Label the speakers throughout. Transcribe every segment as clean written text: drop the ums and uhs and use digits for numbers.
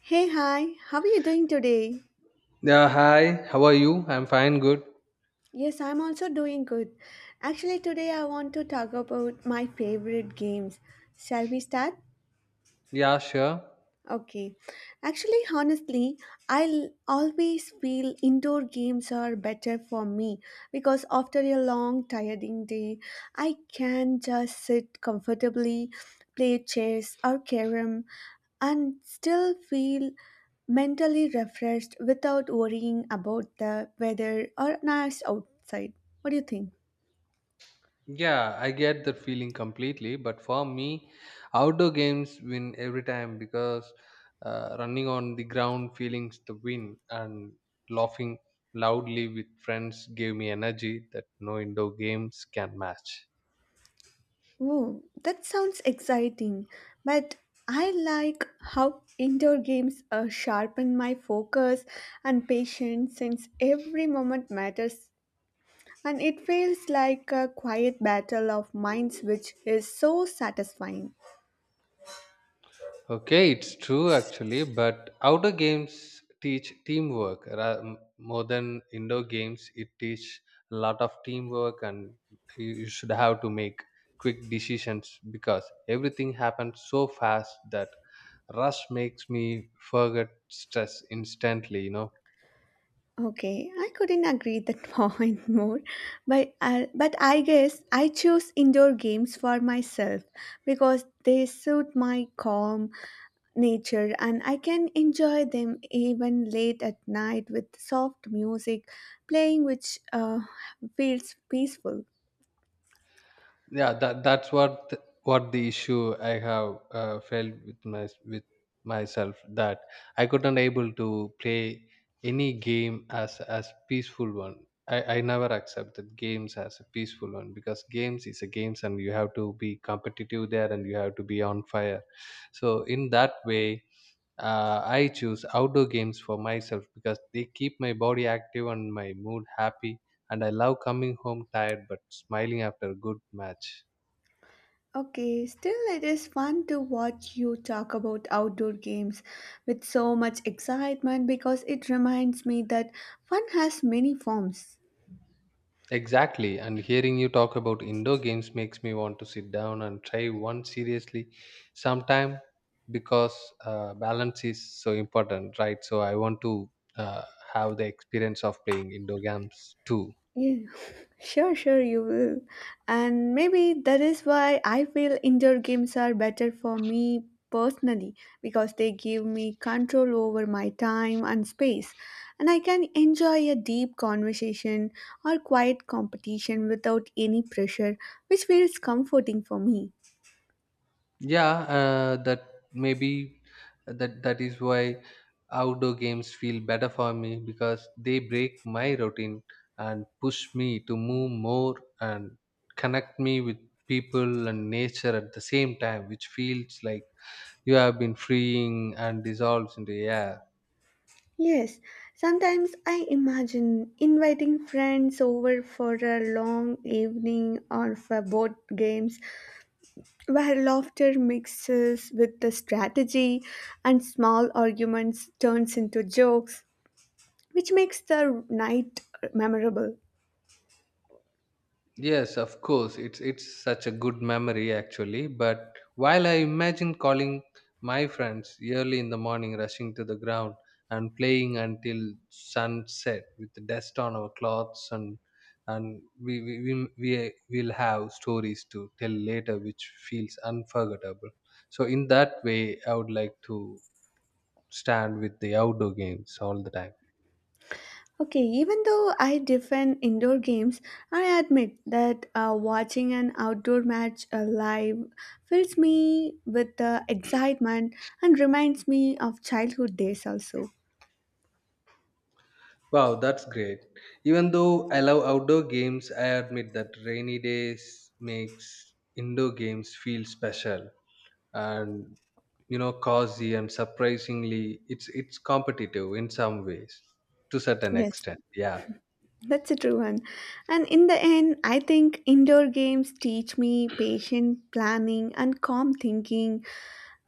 Speaker 1: Hey, hi, how are you doing today?
Speaker 2: Yeah, hi. How are you? I'm fine, good.
Speaker 1: Yes, I'm also doing good. Actually, today I want to talk about my favorite games. Shall we start?
Speaker 2: Yeah, sure.
Speaker 1: Okay. Actually, honestly, I'll always feel indoor games are better for me because after a long, tiring day, I can just sit comfortably, play chess or carom, and still feel mentally refreshed without worrying about the weather or nice outside. What do you think?
Speaker 2: Yeah, I get that feeling completely. But for me, outdoor games win every time because running on the ground, feelings the wind, and laughing loudly with friends gave me energy that no indoor games can match.
Speaker 1: Oh, that sounds exciting, but I like how indoor games sharpen my focus and patience since every moment matters. And it feels like a quiet battle of minds, which is so satisfying.
Speaker 2: Okay, it's true actually, but outdoor games teach teamwork more than indoor games. It teach a lot of teamwork, and you should have to make quick decisions because everything happens so fast that rush makes me forget stress instantly.
Speaker 1: Okay, I couldn't agree that point more, but I guess I choose indoor games for myself because they suit my calm, nature and I can enjoy them even late at night with soft music playing, which feels peaceful.
Speaker 2: Yeah that that's what th- what the issue I have felt with myself, that I couldn't able to play any game as peaceful one. I never accepted games as a peaceful one because games is a games and you have to be competitive there and you have to be on fire. So in that way, I choose outdoor games for myself because they keep my body active and my mood happy, and I love coming home tired but smiling after a good match.
Speaker 1: Okay, still, it is fun to watch you talk about outdoor games with so much excitement because it reminds me that fun has many forms.
Speaker 2: Exactly, and hearing you talk about indoor games makes me want to sit down and try one seriously sometime because balance is so important, right? So I want to uh, have the experience of playing indoor games too.
Speaker 1: Yeah, sure, sure, you will. And maybe that is why I feel indoor games are better for me personally because they give me control over my time and space, and I can enjoy a deep conversation or quiet competition without any pressure, which feels comforting for me.
Speaker 2: Yeah, that maybe that is why outdoor games feel better for me because they break my routine and push me to move more and connect me with people and nature at the same time, which feels like you have been freeing and dissolves into air.
Speaker 1: Yes, sometimes I imagine inviting friends over for a long evening or for board games where laughter mixes with the strategy and small arguments turns into jokes which makes the night memorable.
Speaker 2: Yes, of course. It's such a good memory actually. But while I imagine calling my friends early in the morning, rushing to the ground and playing until sunset with the dust on our clothes, and we will have stories to tell later, which feels unforgettable. So in that way I would like to stand with the outdoor games all the time.
Speaker 1: Okay, even though I defend indoor games, I admit that watching an outdoor match live fills me with the excitement and reminds me of childhood days also.
Speaker 2: Wow, that's great. Even though I love outdoor games, I admit that rainy days makes indoor games feel special and cozy, and surprisingly it's competitive in some ways to certain
Speaker 1: Yes.
Speaker 2: extent. Yeah.
Speaker 1: That's a true one. And in the end, I think indoor games teach me patient planning and calm thinking,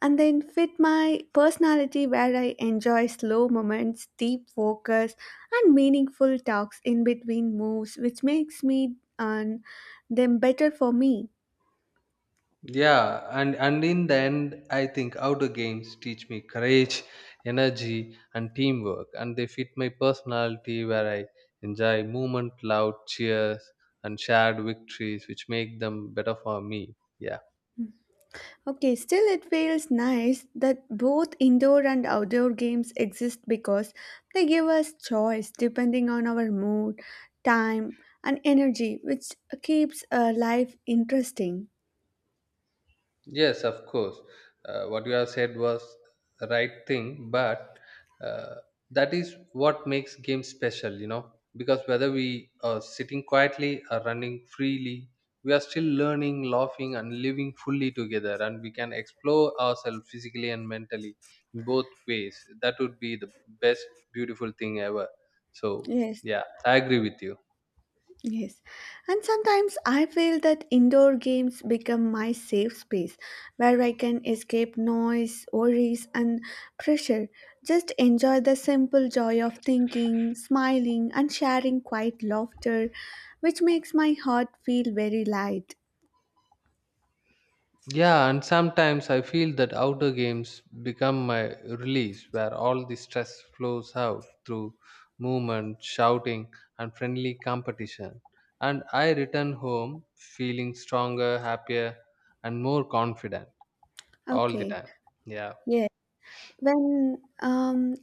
Speaker 1: and then fit my personality where I enjoy slow moments, deep focus, and meaningful talks in between moves, which makes me and them better for me.
Speaker 2: Yeah, and in the end, I think outdoor games teach me courage, energy, and teamwork, and they fit my personality where I enjoy movement, loud cheers, and shared victories, which make them better for me. Yeah.
Speaker 1: Okay, still it feels nice that both indoor and outdoor games exist because they give us choice depending on our mood, time, and energy, which keeps life interesting.
Speaker 2: Yes, of course. What you have said was the right thing, but uh, that is what makes games special, because whether we are sitting quietly or running freely, we are still learning, laughing, and living fully together, and we can explore ourselves physically and mentally in both ways. That would be the best, beautiful thing ever. So,
Speaker 1: Yes.
Speaker 2: yeah, I agree with you.
Speaker 1: Yes, and sometimes I feel that indoor games become my safe space where I can escape noise, worries, and pressure. Just enjoy the simple joy of thinking, smiling, and sharing quiet laughter, which makes my heart feel very light.
Speaker 2: Yeah, and sometimes I feel that outdoor games become my release where all the stress flows out through movement, shouting, and friendly competition. And I return home feeling stronger, happier, and more confident all the
Speaker 1: Okay,
Speaker 2: time. Yeah,
Speaker 1: yeah. When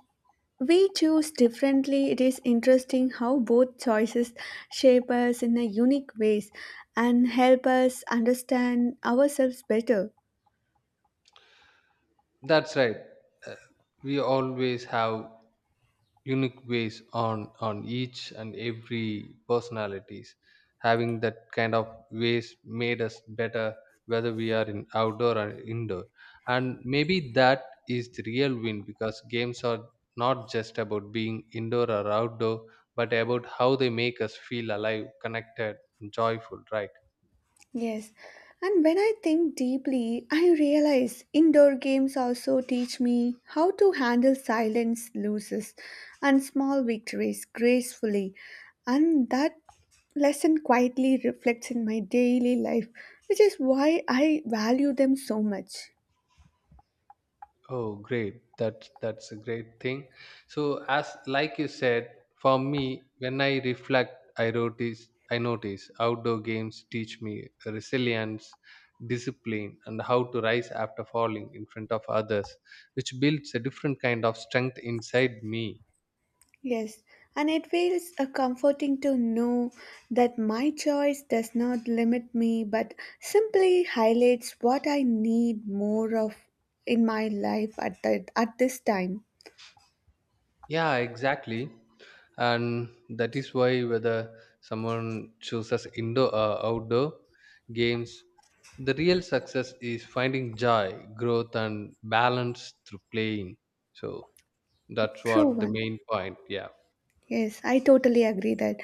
Speaker 1: We choose differently. It is interesting how both choices shape us in a unique ways and help us understand ourselves better.
Speaker 2: that's right. Uh, We always have unique ways on on each and every personalities, having that kind of ways made us better whether we are in outdoor or indoor, and maybe that is the real win because games are not just about being indoor or outdoor, but about how they make us feel alive, connected, and joyful, right?
Speaker 1: Yes. And when I think deeply, I realize indoor games also teach me how to handle silence losses and small victories gracefully. And that lesson quietly reflects in my daily life, which is why I value them so much.
Speaker 2: Oh, great. That's a great thing. So as like you said, for me, when I reflect, I notice outdoor games teach me resilience, discipline, and how to rise after falling in front of others, which builds a different kind of strength inside me.
Speaker 1: Yes, and it feels comforting to know that my choice does not limit me but simply highlights what I need more of in my life at, that at this time.
Speaker 2: Yeah, exactly. And that is why whether someone chooses indoor or outdoor games, the real success is finding joy, growth, and balance through playing. So that's
Speaker 1: True
Speaker 2: what the
Speaker 1: one.
Speaker 2: main point. Yeah.
Speaker 1: Yes, I totally agree that.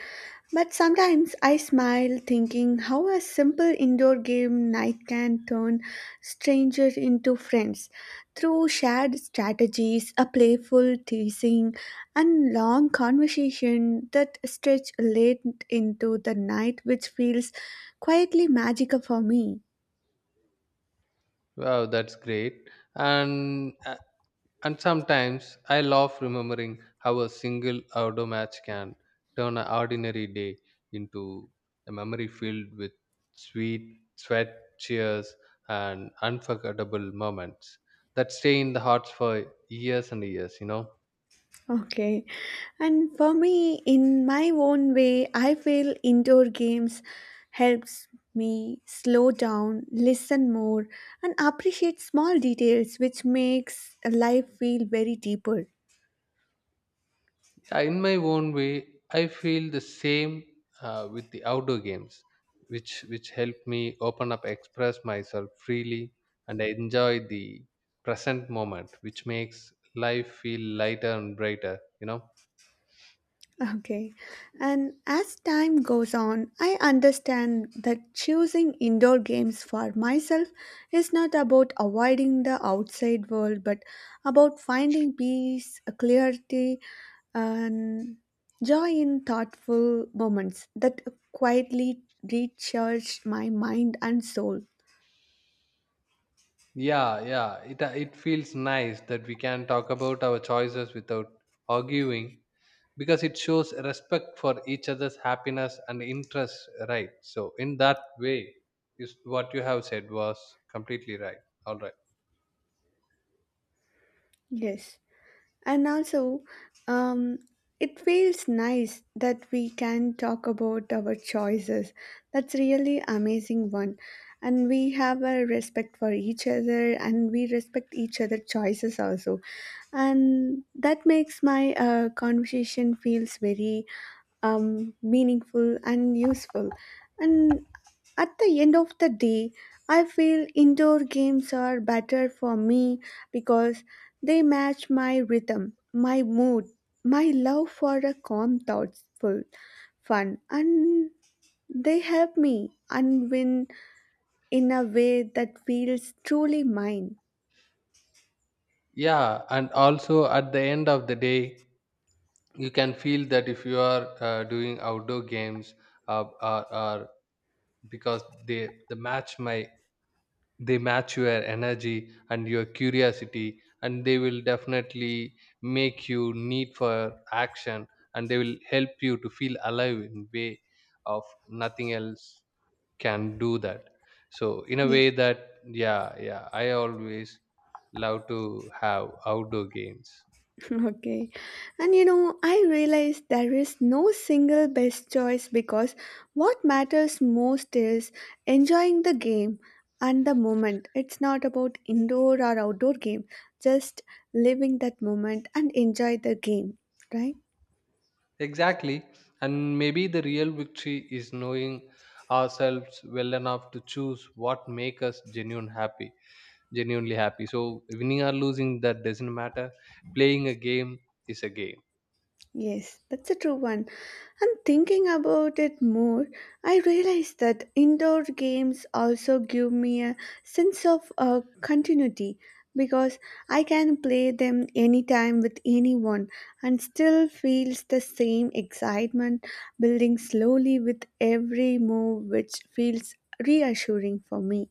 Speaker 1: But sometimes I smile thinking how a simple indoor game night can turn strangers into friends through shared strategies, a playful teasing, and long conversation that stretch late into the night, which feels quietly magical for me.
Speaker 2: Wow, that's great. And And sometimes I laugh remembering how a single outdoor match can turn an ordinary day into a memory filled with sweet sweat, cheers, and unforgettable moments that stay in the hearts for years and years.
Speaker 1: Okay. And for me, in my own way, I feel indoor games helps me slow down, listen more, and appreciate small details, which makes life feel very deeper.
Speaker 2: In my own way, I feel the same with the outdoor games, which help me open up, express myself freely, and I enjoy the present moment, which makes life feel lighter and brighter.
Speaker 1: Okay. And as time goes on, I understand that choosing indoor games for myself is not about avoiding the outside world, but about finding peace, clarity, and joy in thoughtful moments that quietly recharge my mind and soul.
Speaker 2: Yeah, yeah. It feels nice that we can talk about our choices without arguing because it shows respect for each other's happiness and interests. Right. So in that way, is what you have said was completely right. All right.
Speaker 1: Yes. And also, um, it feels nice that we can talk about our choices. That's really amazing one. And we have a respect for each other and we respect each other choices also. And that makes my conversation feels very meaningful and useful. And at the end of the day, I feel indoor games are better for me because they match my rhythm, my mood, my love for a calm, thoughtful fun, and they help me unwind in a way that feels truly mine.
Speaker 2: Yeah, and also at the end of the day, you can feel that if you are doing outdoor games, or because they match your energy and your curiosity, and they will definitely make you need for action, and they will help you to feel alive in way of nothing else can do that. So in a
Speaker 1: Yeah.
Speaker 2: way that, yeah, yeah, I always love to have outdoor games.
Speaker 1: Okay. And you know, I realize there is no single best choice because what matters most is enjoying the game and the moment. It's not about indoor or outdoor game, just living that moment and enjoy the game, right?
Speaker 2: Exactly. And maybe the real victory is knowing ourselves well enough to choose what make us genuine happy, genuinely happy. So winning or losing that doesn't matter. Playing a game is a game.
Speaker 1: Yes, that's a true one. And thinking about it more, I realized that indoor games also give me a sense of continuity because I can play them anytime with anyone and still feels the same excitement building slowly with every move, which feels reassuring for me.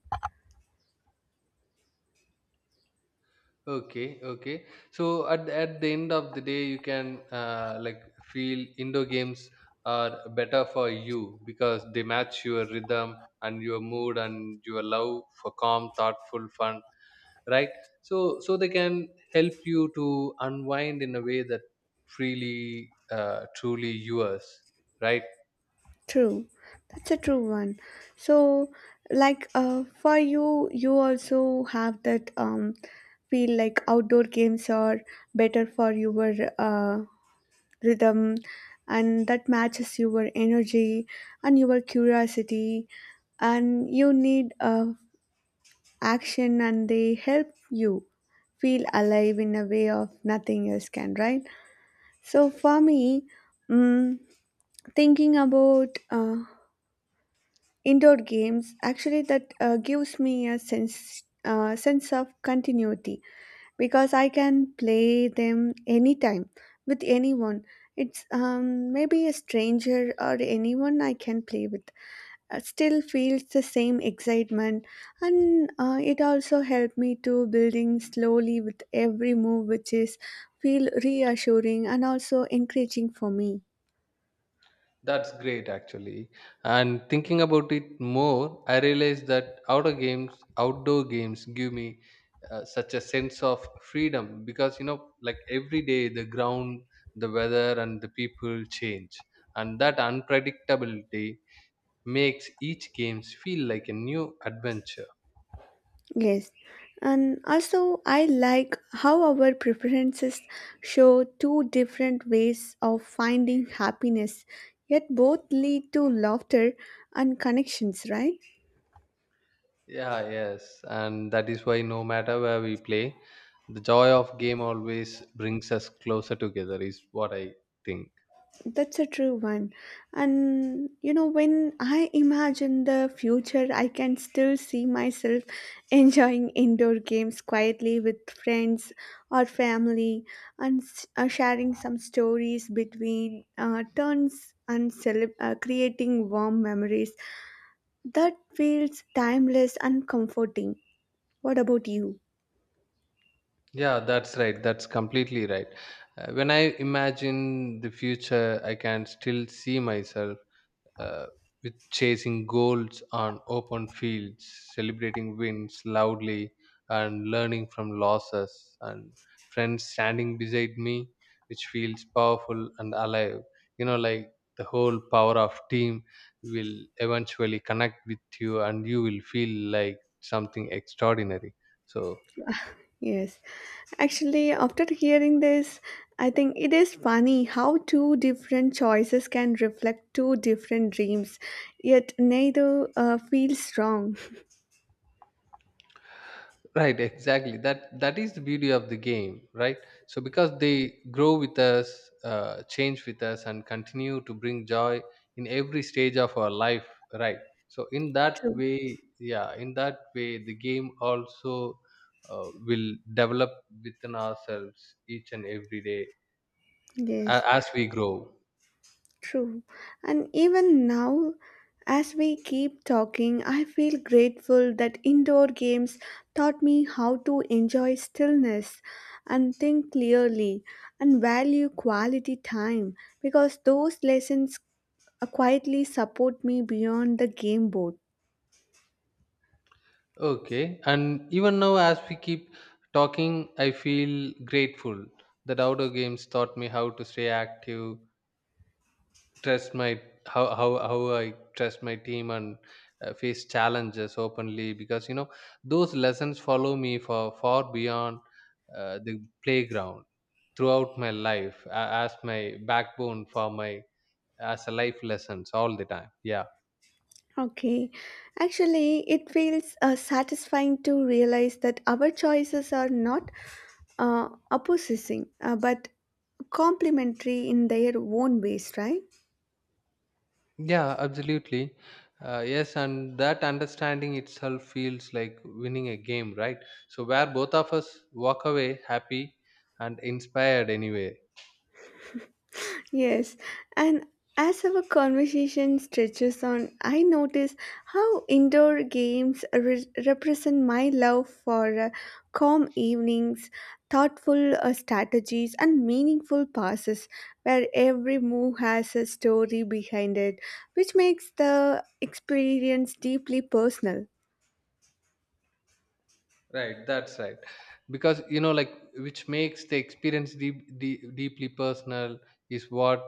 Speaker 2: Okay, okay. So at the end of the day, you can like feel indoor games are better for you because they match your rhythm and your mood and your love for calm, thoughtful fun, right? So they can help you to unwind in a way that freely truly yours, right?
Speaker 1: True, that's a true one. So, for you, you also have that feel like outdoor games are better for your uh, rhythm, and that matches your energy and your curiosity, and you need action, and they help you feel alive in a way of nothing else can, right? So, for me, mm thinking about indoor games actually that gives me a sense sense of continuity because I can play them anytime with anyone. It's maybe a stranger or anyone I can play with. Still feels the same excitement and it also helped me to building slowly with every move which is feel reassuring and also encouraging for me.
Speaker 2: That's great actually, and thinking about it more, I realized that outdoor games give me such a sense of freedom because like every day the ground, the weather, and the people change, and that unpredictability makes each games feel like a new adventure.
Speaker 1: Yes, and also I like how our preferences show two different ways of finding happiness, yet both lead to laughter and connections, right?
Speaker 2: Yeah, yes. And that is why no matter where we play, the joy of game always brings us closer together, is what I think.
Speaker 1: That's a true one. And you know, when I imagine the future, I can still see myself enjoying indoor games quietly with friends or family and sharing some stories between turns and creating warm memories. That feels timeless and comforting. What about you?
Speaker 2: Yeah, that's right. That's completely right. When I imagine the future, I can still see myself uh, with chasing goals on open fields, celebrating wins loudly, and learning from losses, and friends standing beside me, which feels powerful and alive. You know, like the whole power of team will eventually connect with you, and you will feel like something extraordinary. So,
Speaker 1: Yes, actually, after hearing this, I think it is funny how two different choices can reflect two different dreams, yet neither feels wrong.
Speaker 2: right, exactly, that is the beauty of the game, right? So because they grow with us, change with us, and continue to bring joy in every stage of our life, right? So
Speaker 1: True.
Speaker 2: in that way the game also will develop within ourselves each and every day, a-
Speaker 1: Yes,
Speaker 2: as we grow.
Speaker 1: true. And even now, as we keep talking, I feel grateful that indoor games taught me how to enjoy stillness and think clearly and value quality time because those lessons quietly support me beyond the game board.
Speaker 2: Okay, and even now, as we keep talking, I feel grateful that outdoor games taught me how to stay active, trust my how I trust my team, and face challenges openly because those lessons follow me for far beyond the playground throughout my life, as my backbone for my as a life lessons all the time. Yeah.
Speaker 1: Okay, actually, it feels satisfying to realize that our choices are not opposing but complementary in their own ways, right?
Speaker 2: Yeah, absolutely, yes, and that understanding itself feels like winning a game, right? So where both of us walk away happy and inspired anyway.
Speaker 1: Yes, and as our conversation stretches on, I notice how indoor games represent my love for calm evenings, thoughtful strategies, and meaningful passes, where every move has a story behind it, which makes the experience deeply personal.
Speaker 2: Right, that's right. Because like, which makes the experience deep, deep, deeply personal is what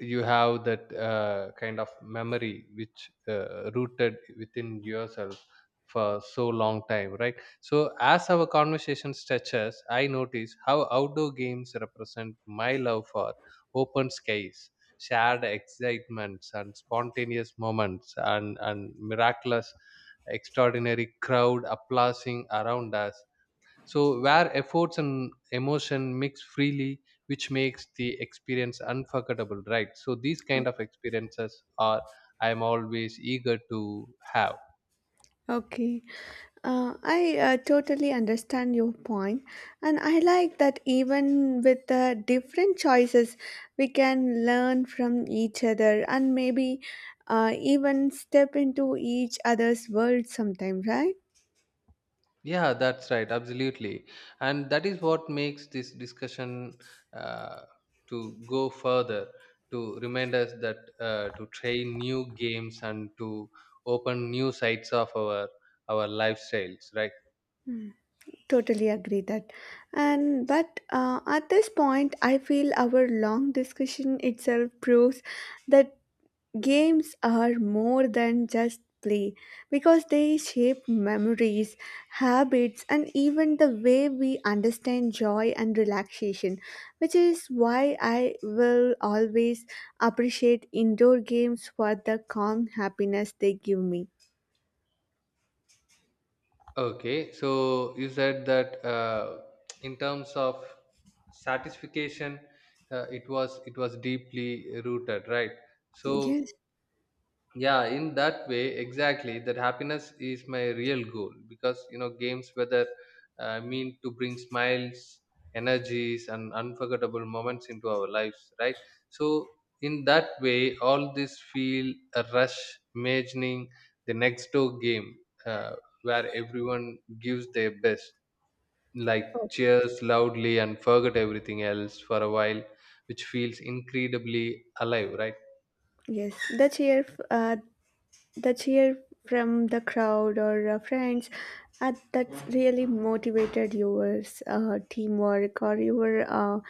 Speaker 2: you have that kind of memory which rooted within yourself for so long time, right? So, as our conversation stretches, I notice how outdoor games represent my love for open skies, shared excitements, and spontaneous moments, and miraculous extraordinary crowd applauding around us. So, where efforts and emotion mix freely, which makes the experience unforgettable, right? So, these kind of experiences are I'm always eager to have.
Speaker 1: Okay. I totally understand your point, and I like that even with the different choices, we can learn from each other and maybe even step into each other's world sometime, right?
Speaker 2: Yeah, that's right, absolutely. And that is what makes this discussion uh, to go further, to remind us that to try new games and to open new sides of our lifestyles, right?
Speaker 1: Totally agree that. And but at this point, I feel our long discussion itself proves that games are more than just play because they shape memories, habits, and even the way we understand joy and relaxation, which is why I will always appreciate indoor games for the calm happiness they give me.
Speaker 2: Okay, so you said that in terms of satisfaction, it was deeply rooted, right? So,
Speaker 1: Yes.
Speaker 2: yeah, in that way exactly that happiness is my real goal because games, whether mean to bring smiles, energies, and unforgettable moments into our lives, right? So in that way all this feel a rush imagining the next door game, uh, where everyone gives their best, like
Speaker 1: Oh,
Speaker 2: cheers loudly and forget everything else for a while, which feels incredibly alive, right?
Speaker 1: yes. The cheer from the crowd or friends that really motivated your teamwork or your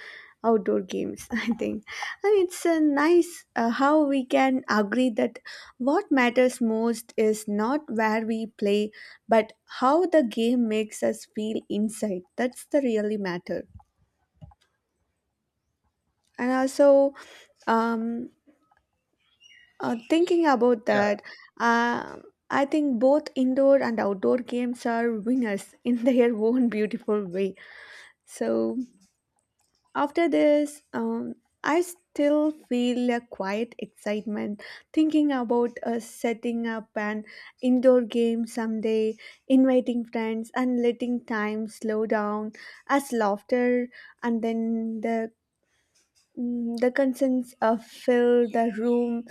Speaker 1: outdoor games I think. And it's nice how we can agree that what matters most is not where we play but how the game makes us feel inside. That's the really matter. And also, um, thinking about that, um I think both indoor and outdoor games are winners in their own beautiful way. So after this, I still feel a quiet excitement thinking about setting up an indoor game someday, inviting friends, and letting time slow down as laughter and then the the concerns fill the room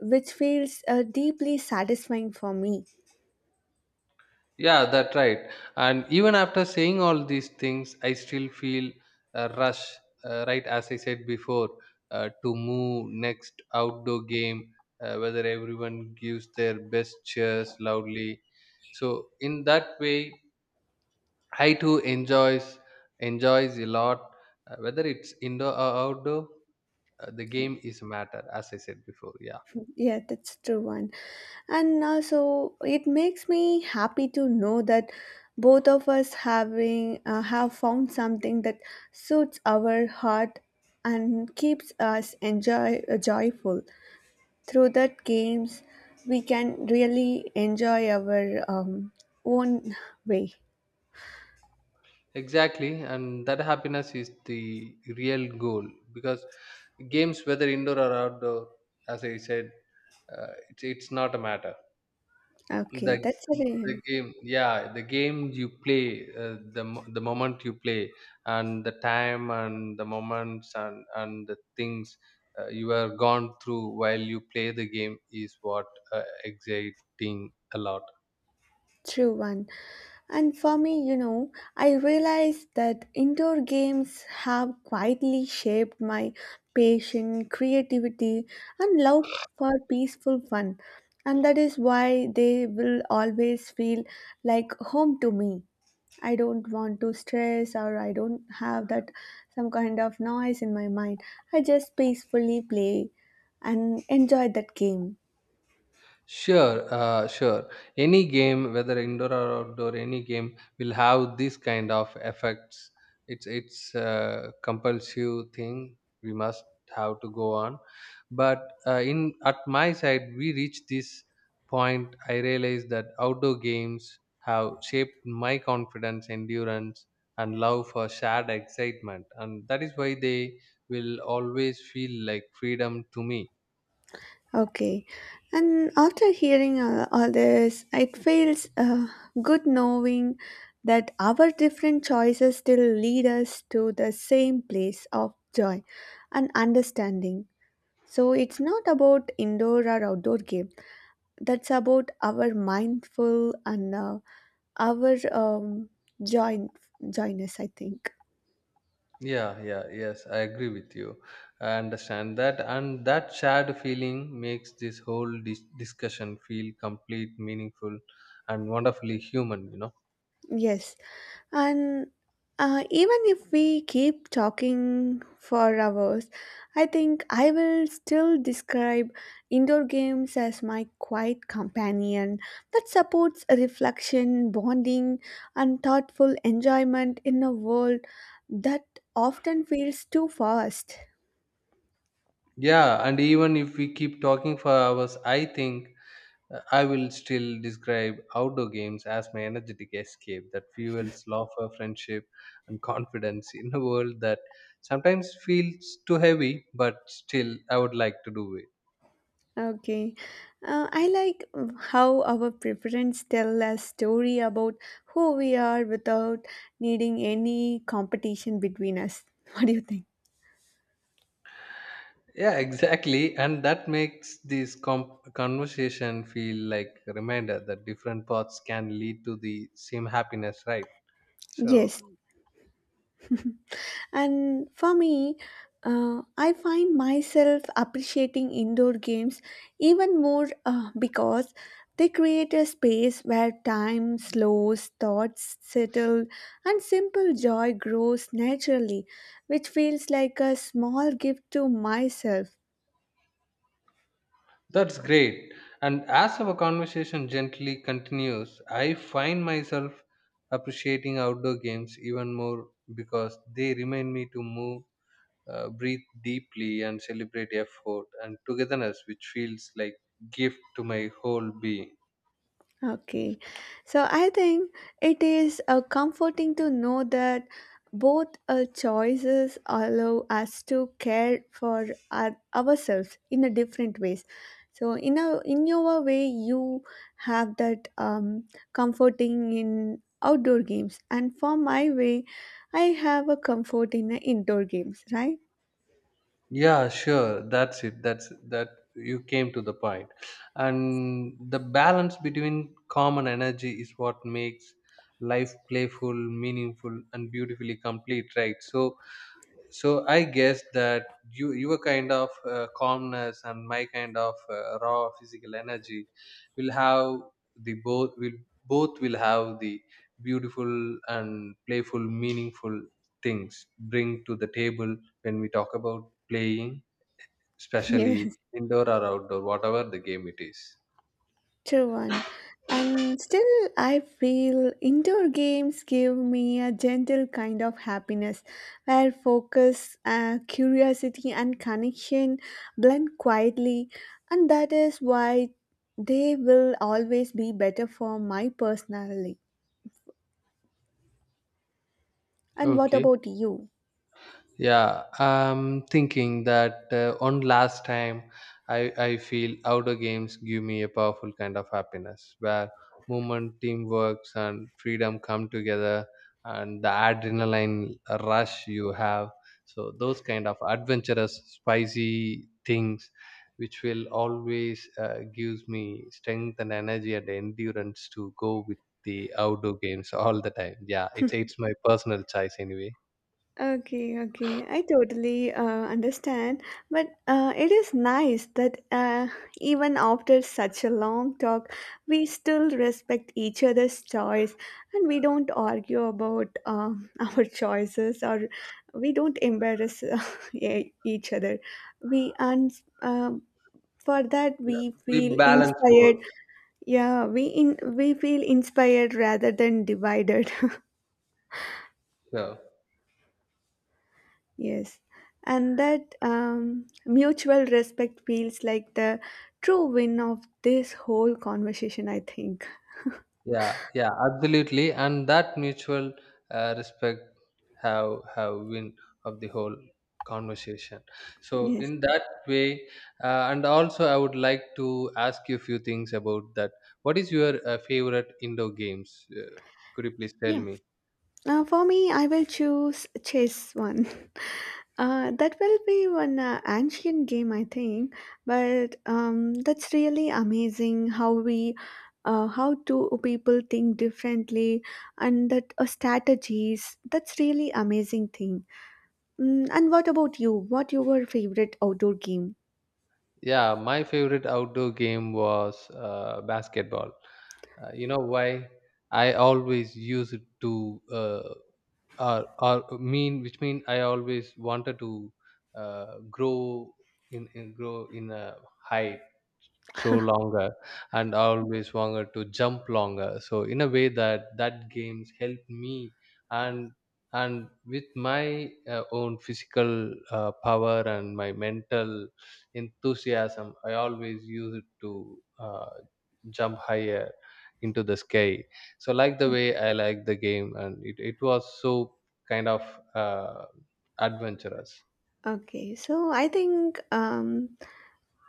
Speaker 1: which feels deeply satisfying for me.
Speaker 2: Yeah, that's right. And even after saying all these things, I still feel a rush, right? As I said before, to move next outdoor game, whether everyone gives their best cheers loudly. So in that way, I too enjoys a lot, whether it's indoor or outdoor. The game is a matter, as I said before. Yeah.
Speaker 1: Yeah, that's true one. And also, it makes me happy to know that both of us having have found something that suits our heart and keeps us enjoy joyful. Through that games, we can really enjoy our own way.
Speaker 2: Exactly, and that happiness is the real goal because games, whether indoor or outdoor, as I said, it's not a matter.
Speaker 1: Okay,
Speaker 2: The
Speaker 1: that's it.
Speaker 2: the game, yeah, the game you play, the moment you play, and the time and the moments and the things you are gone through while you play the game is what exciting a lot.
Speaker 1: True one. And for me, you know, I realized that indoor games have quietly shaped my patience, creativity, and love for peaceful fun. And that is why they will always feel like home to me. I don't want to stress or I don't have that some kind of noise in my mind. I just peacefully play and enjoy that game.
Speaker 2: Sure, sure. Any game, whether indoor or outdoor, any game will have this kind of effects. It's a compulsive thing. We must have to go on. But in at my side, we reached this point. I realized that outdoor games have shaped my confidence, endurance, and love for shared excitement, and that is why they will always feel like freedom to me.
Speaker 1: Okay, and after hearing all this, it feels good knowing that our different choices still lead us to the same place of joy and understanding. So it's not about indoor or outdoor game. That's about our mindful and our joy, joyness, I think.
Speaker 2: Yeah, yeah, yes, I agree with you. I understand that, and that shared feeling makes this whole discussion feel complete, meaningful, and wonderfully human,
Speaker 1: Yes. And even if we keep talking for hours, I think I will still describe indoor games as my quiet companion that supports reflection, bonding, and thoughtful enjoyment in a world that often feels too fast.
Speaker 2: Yeah, and even if we keep talking for hours, I think I will still describe outdoor games as my energetic escape that fuels laughter, friendship, and confidence in a world that sometimes feels too heavy, but still I would like to do it.
Speaker 1: Okay. I like how our preference tell a story about who we are without needing any competition between us. What do you think?
Speaker 2: Yeah, exactly, and that makes this conversation feel like a reminder that different paths can lead to the same happiness, right? So
Speaker 1: Yes. And for me, I find myself appreciating indoor games even more because they create a space where time slows, thoughts settle, and simple joy grows naturally, which feels like a small gift to myself.
Speaker 2: that's great. And as our conversation gently continues, I find myself appreciating outdoor games even more because they remind me to move, breathe deeply, and celebrate effort and togetherness, which feels like gift to my whole being.
Speaker 1: Okay, so I think it is comforting to know that both choices allow us to care for our, ourselves in a different ways. So in a in your way, you have that comforting in outdoor games, and for my way, I have a comfort in the indoor games. Right?
Speaker 2: Yeah, sure. That's it. That's that you came to the point. And the balance between common energy is what makes life playful, meaningful, and beautifully complete, right? So, I guess that you your kind of calmness and my kind of raw physical energy will have the both will have the beautiful and playful, meaningful things bring to the table when we talk about playing, especially
Speaker 1: Yes.
Speaker 2: indoor or outdoor, whatever the game it is.
Speaker 1: True one. And still, I feel indoor games give me a gentle kind of happiness where focus, curiosity, and connection blend quietly. And that is why they will always be better for my personality. And what
Speaker 2: Okay.
Speaker 1: about you?
Speaker 2: Yeah, I'm thinking that one last time I feel outdoor games give me a powerful kind of happiness where movement, teamwork, and freedom come together and the adrenaline rush you have. So, those kind of adventurous, spicy things which will always gives me strength and energy and endurance to go with the outdoor games all the time. Yeah, it's my personal choice anyway.
Speaker 1: Okay, okay. I totally understand. But it is nice that even after such a long talk, we still respect each other's choice and we don't argue about our choices or we don't embarrass each other. We and um for that
Speaker 2: Yeah,
Speaker 1: we
Speaker 2: we
Speaker 1: feel
Speaker 2: balance
Speaker 1: inspired.
Speaker 2: both.
Speaker 1: We feel inspired rather than divided.
Speaker 2: Sure.
Speaker 1: Yes, and that mutual respect feels like the true win of this whole conversation, I think.
Speaker 2: Yeah, yeah, absolutely. And that mutual respect have win of the whole conversation. So
Speaker 1: Yes.
Speaker 2: in that way, and also I would like to ask you a few things about that. What is your favorite indoor games? Could you please tell
Speaker 1: Yeah.
Speaker 2: me?
Speaker 1: For me, I will choose chess one. That will be one ancient game, I think. But that's really amazing how we, how two people think differently, and that strategies. That's really amazing thing. And what about you? What your favorite outdoor game?
Speaker 2: Yeah, my favorite outdoor game was basketball. You know why? I always used to or mean which mean I always wanted to grow in grow in a height so longer, and I always wanted to jump longer. So in a way that games helped me, and and with my own physical power and my mental enthusiasm, I always use it to jump higher into the sky. So like the way I like the game, and it was so kind of uh, adventurous.
Speaker 1: Okay, so I think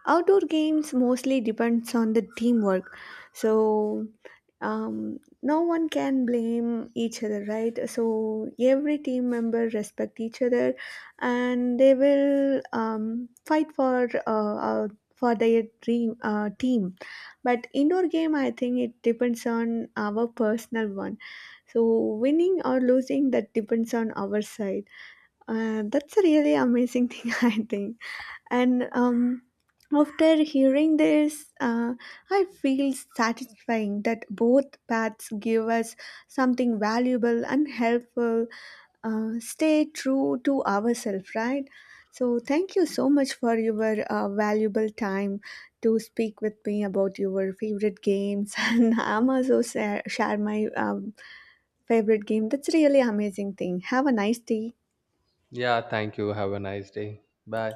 Speaker 1: outdoor games mostly depends on the teamwork. So no one can blame each other, right? So every team member respect each other, and they will fight for their dream team. But indoor game, I think it depends on our personal one. So winning or losing that depends on our side. That's a really amazing thing, I think. And after hearing this, I feel satisfying that both paths give us something valuable and helpful. Stay true to ourselves, right? So, thank you so much for your valuable time to speak with me about your favorite games. And I'm also share my favorite game. That's really amazing thing. Have a nice day.
Speaker 2: Yeah, thank you. Have a nice day. Bye.